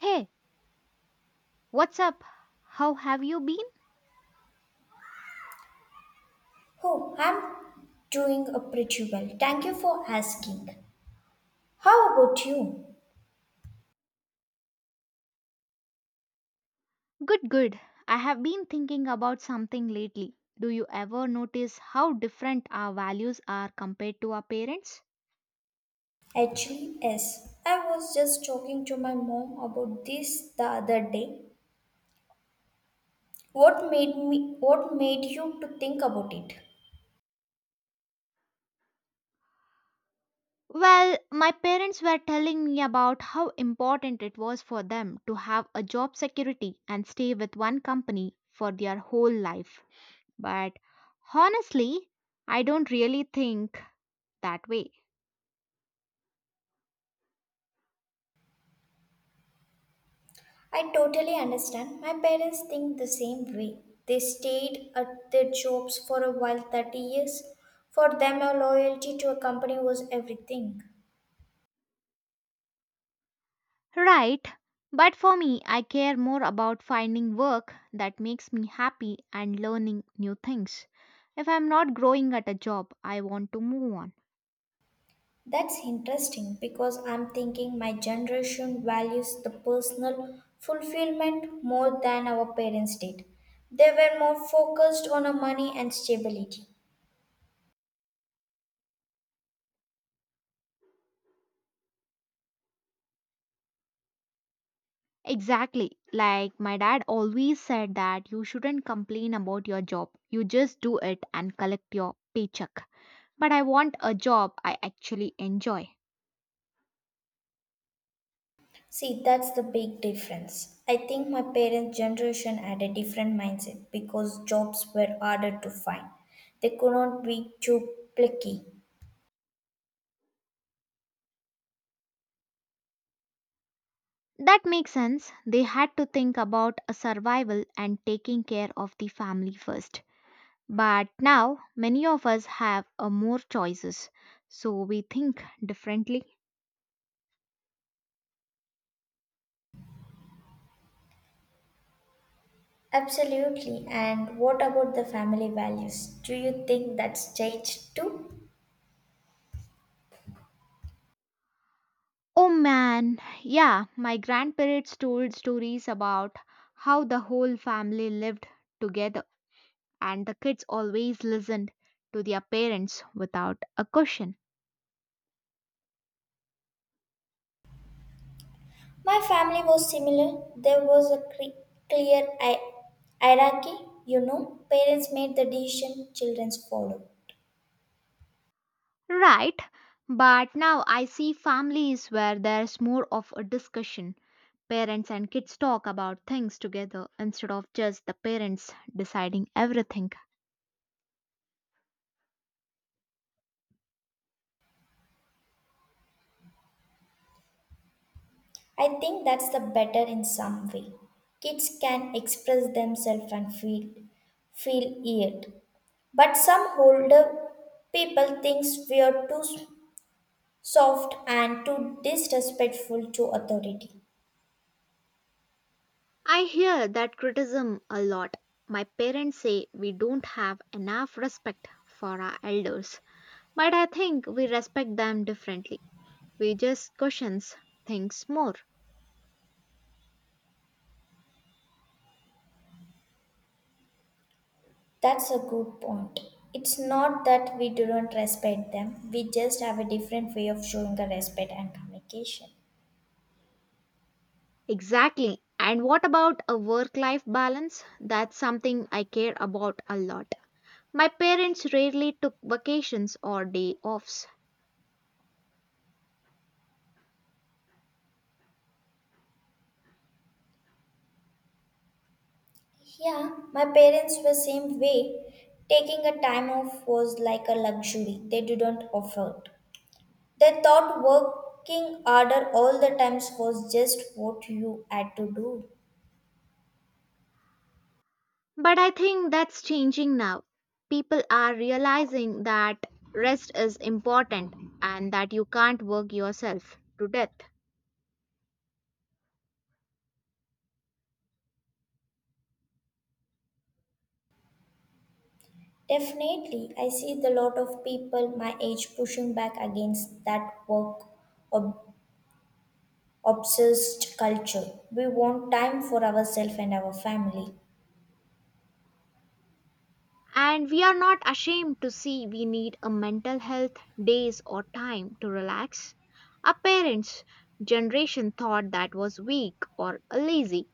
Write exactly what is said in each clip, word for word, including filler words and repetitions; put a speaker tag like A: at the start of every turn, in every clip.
A: Hey, what's up? How have you been?
B: Oh, I'm doing uh, pretty well. Thank you for asking. How about you?
A: Good, good. I have been thinking about something lately. Do you ever notice how different our values are compared to our parents?
B: Actually, yes. I was just talking to my mom about this the other day. What made me what made you to think about it?
A: Well, my parents were telling me about how important it was for them to have a job security and stay with one company for their whole life. But honestly, I don't really think that way.
B: I totally understand. My parents think the same way. They stayed at their jobs for a while thirty years. For them, a loyalty to a company was everything.
A: Right, but for me, I care more about finding work that makes me happy and learning new things. If I'm not growing at a job, I want to move on.
B: That's interesting because I'm thinking my generation values the personal fulfillment more than our parents did. They were more focused on our money and stability.
A: Exactly. Like my dad always said that you shouldn't complain about your job. You just do it and collect your paycheck. But I want a job I actually enjoy.
B: See, that's the big difference. I think my parents' generation had a different mindset because jobs were harder to find. They could not be too picky.
A: That makes sense. They had to think about a survival and taking care of the family first. But now many of us have uh, more choices, so we think differently.
B: Absolutely. And what about the family values? Do you think that's changed too?
A: Oh man, yeah, my grandparents told stories about how the whole family lived together and the kids always listened to their parents without a question.
B: My family was similar. There was a cre- clear hi- hierarchy, you know. Parents made the decision, children follow.
A: Right, but now I see families where there's more of a discussion. Parents and kids talk about things together instead of just the parents deciding everything.
B: I think that's the better in some way. Kids can express themselves and feel feel it. But some older people thinks we are too soft and too disrespectful to authority.
A: I hear that criticism a lot. My parents say we don't have enough respect for our elders, but I think we respect them differently. We just question things more.
B: That's a good point. It's not that we do not respect them, we just have a different way of showing the respect and communication.
A: Exactly. And what about a work life balance? That's something I care about a lot. My parents rarely took vacations or day offs.
B: Yeah, my parents were same way. Taking a time off was like a luxury they didn't afford. They thought working harder all the times was just what you had to do.
A: But I think that's changing now. People are realizing that rest is important and that you can't work yourself to death.
B: Definitely, I see the lot of people my age pushing back against that work obsessed culture. We want time for ourselves and our family.
A: And we are not ashamed to see we need a mental health days or time to relax. Our parents' generation thought that was weak or lazy.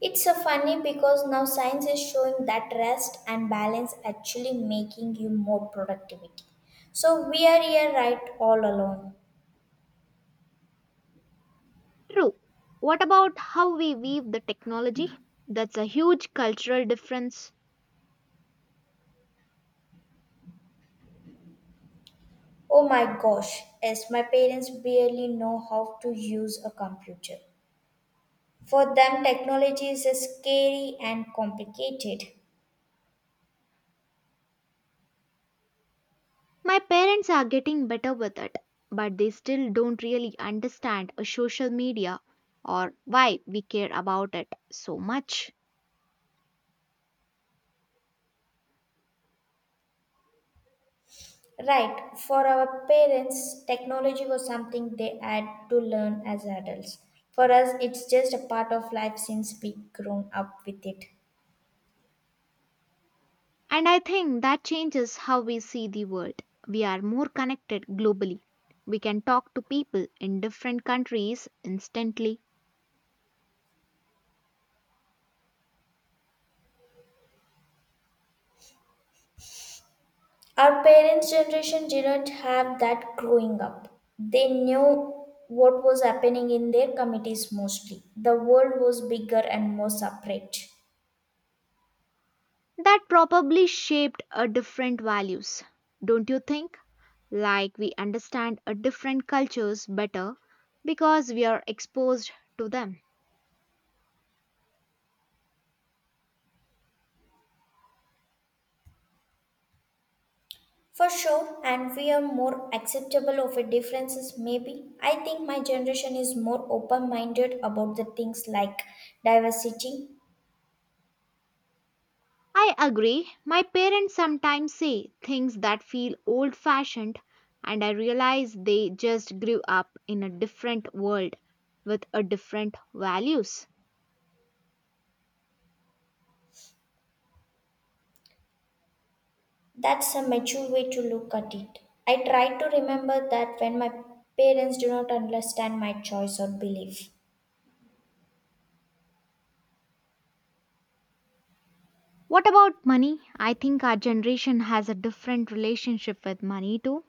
B: It's a funny because now science is showing that rest and balance actually making you more productivity. So we are here right all alone.
A: True. What about how we weave the technology? That's a huge cultural difference.
B: Oh my gosh, yes, my parents barely know how to use a computer. For them, technology is scary and complicated.
A: My parents are getting better with it, but they still don't really understand a social media or why we care about it so much.
B: Right. For our parents, technology was something they had to learn as adults. For us, it's just a part of life since we grown up with it.
A: And I think that changes how we see the world. We are more connected globally. We can talk to people in different countries instantly.
B: Our parents' generation didn't have that growing up. They knew what was happening in their communities mostly. The world was bigger and more separate.
A: That probably shaped a different values, don't you think? Like we understand a different cultures better because we are exposed to them.
B: For sure, and we are more acceptable of a differences maybe. I think my generation is more open minded about the things like diversity.
A: I agree. My parents sometimes say things that feel old fashioned, and I realize they just grew up in a different world with a different values.
B: That's a mature way to look at it. I try to remember that when my parents do not understand my choice or belief.
A: What about money? I think our generation has a different relationship with money too.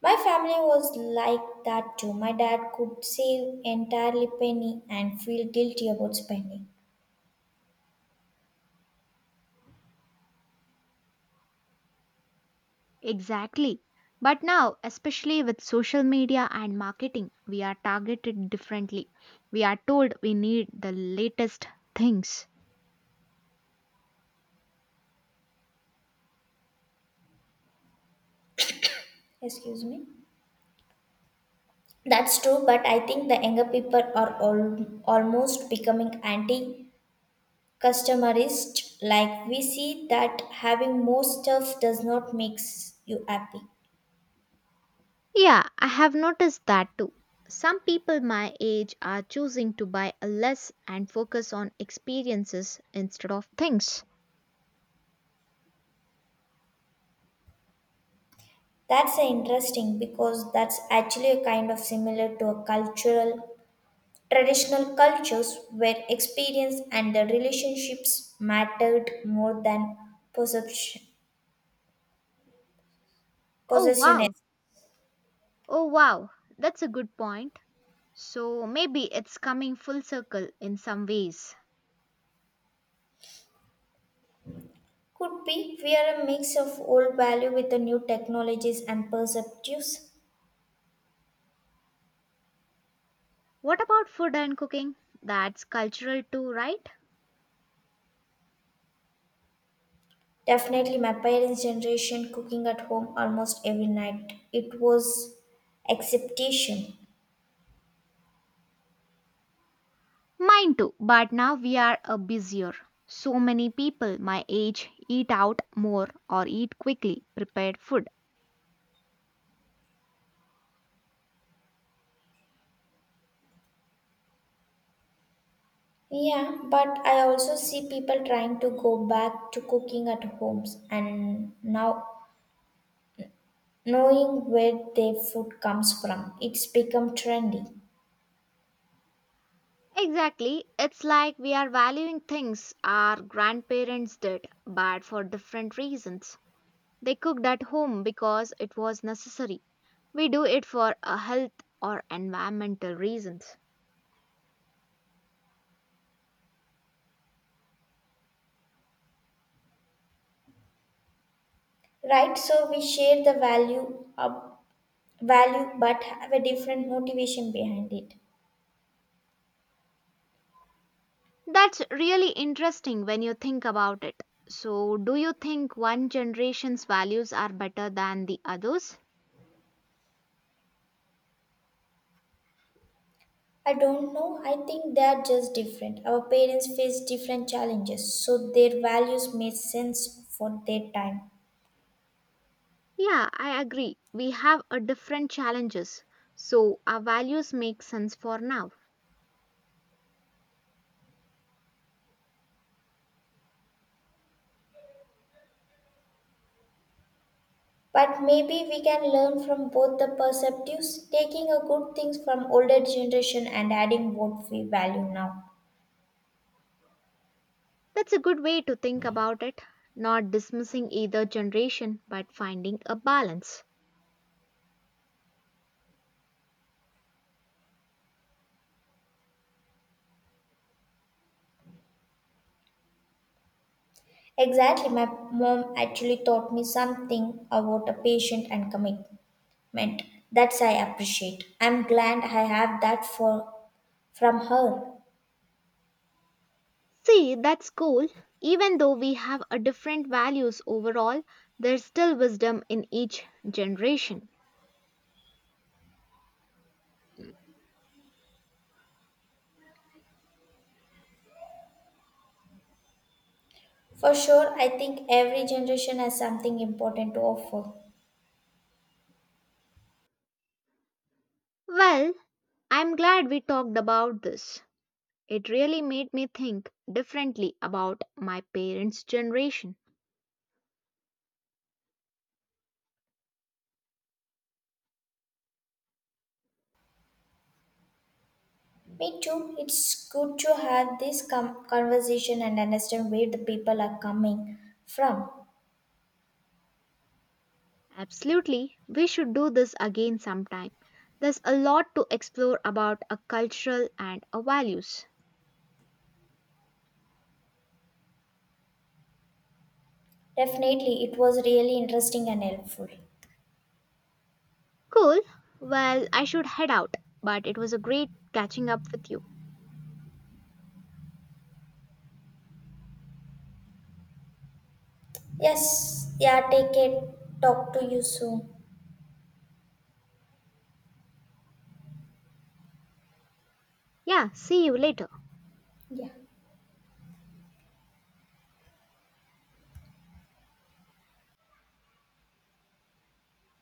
B: My family was like that too. My dad could save entirely penny and feel guilty about spending.
A: Exactly. But now, especially with social media and marketing, we are targeted differently. We are told we need the latest things.
B: Excuse me. That's true, but I think the younger people are all, almost becoming anti customerist. Like we see that having more stuff does not makes you happy.
A: Yeah, I have noticed that too. Some people my age are choosing to buy less and focus on experiences instead of things.
B: That's uh, interesting because that's actually a kind of similar to a cultural traditional cultures where experience and the relationships mattered more than perception
A: Oh
B: possession.
A: wow. Oh wow. That's a good point. So maybe it's coming full circle in some ways.
B: Could be we are a mix of old value with the new technologies and perceptives.
A: What about food and cooking? That's cultural too, right?
B: Definitely my parents generation cooking at home almost every night it was acceptation.
A: Mine too, but now we are a busier. So many people my age eat out more or eat quickly prepared food.
B: Yeah, but I also see people trying to go back to cooking at homes and now knowing where their food comes from. It's become trendy.
A: Exactly. It's like we are valuing things our grandparents did, but for different reasons. They cooked at home because it was necessary. We do it for a health or environmental reasons.
B: Right? So we share the value of value but have a different motivation behind it.
A: That's really interesting when you think about it. So, do you think one generation's values are better than the others?
B: I don't know. I think they are just different. Our parents face different challenges, so their values made sense for their time.
A: Yeah, I agree. We have a different challenges. So, our values make sense for now.
B: But maybe we can learn from both the perspectives, taking a good things from older generation and adding what we value now.
A: That's a good way to think about it, not dismissing either generation but finding a balance.
B: Exactly, my mom actually taught me something about a patient and commitment. That's I appreciate. I'm glad I have that for from her.
A: See, that's cool. Even though we have a different values overall, there's still wisdom in each generation.
B: For sure, I think every generation has something important to offer.
A: Well, I'm glad we talked about this. It really made me think differently about my parents' generation.
B: Me too. It's good to have this com- conversation and understand where the people are coming from.
A: Absolutely, we should do this again sometime. There's a lot to explore about a cultural and a values.
B: Definitely, it was really interesting and helpful.
A: Cool. Well, I should head out, but it was a great catching up with you.
B: Yes, yeah, take care. Talk to you soon.
A: Yeah, see you later.
B: Yeah.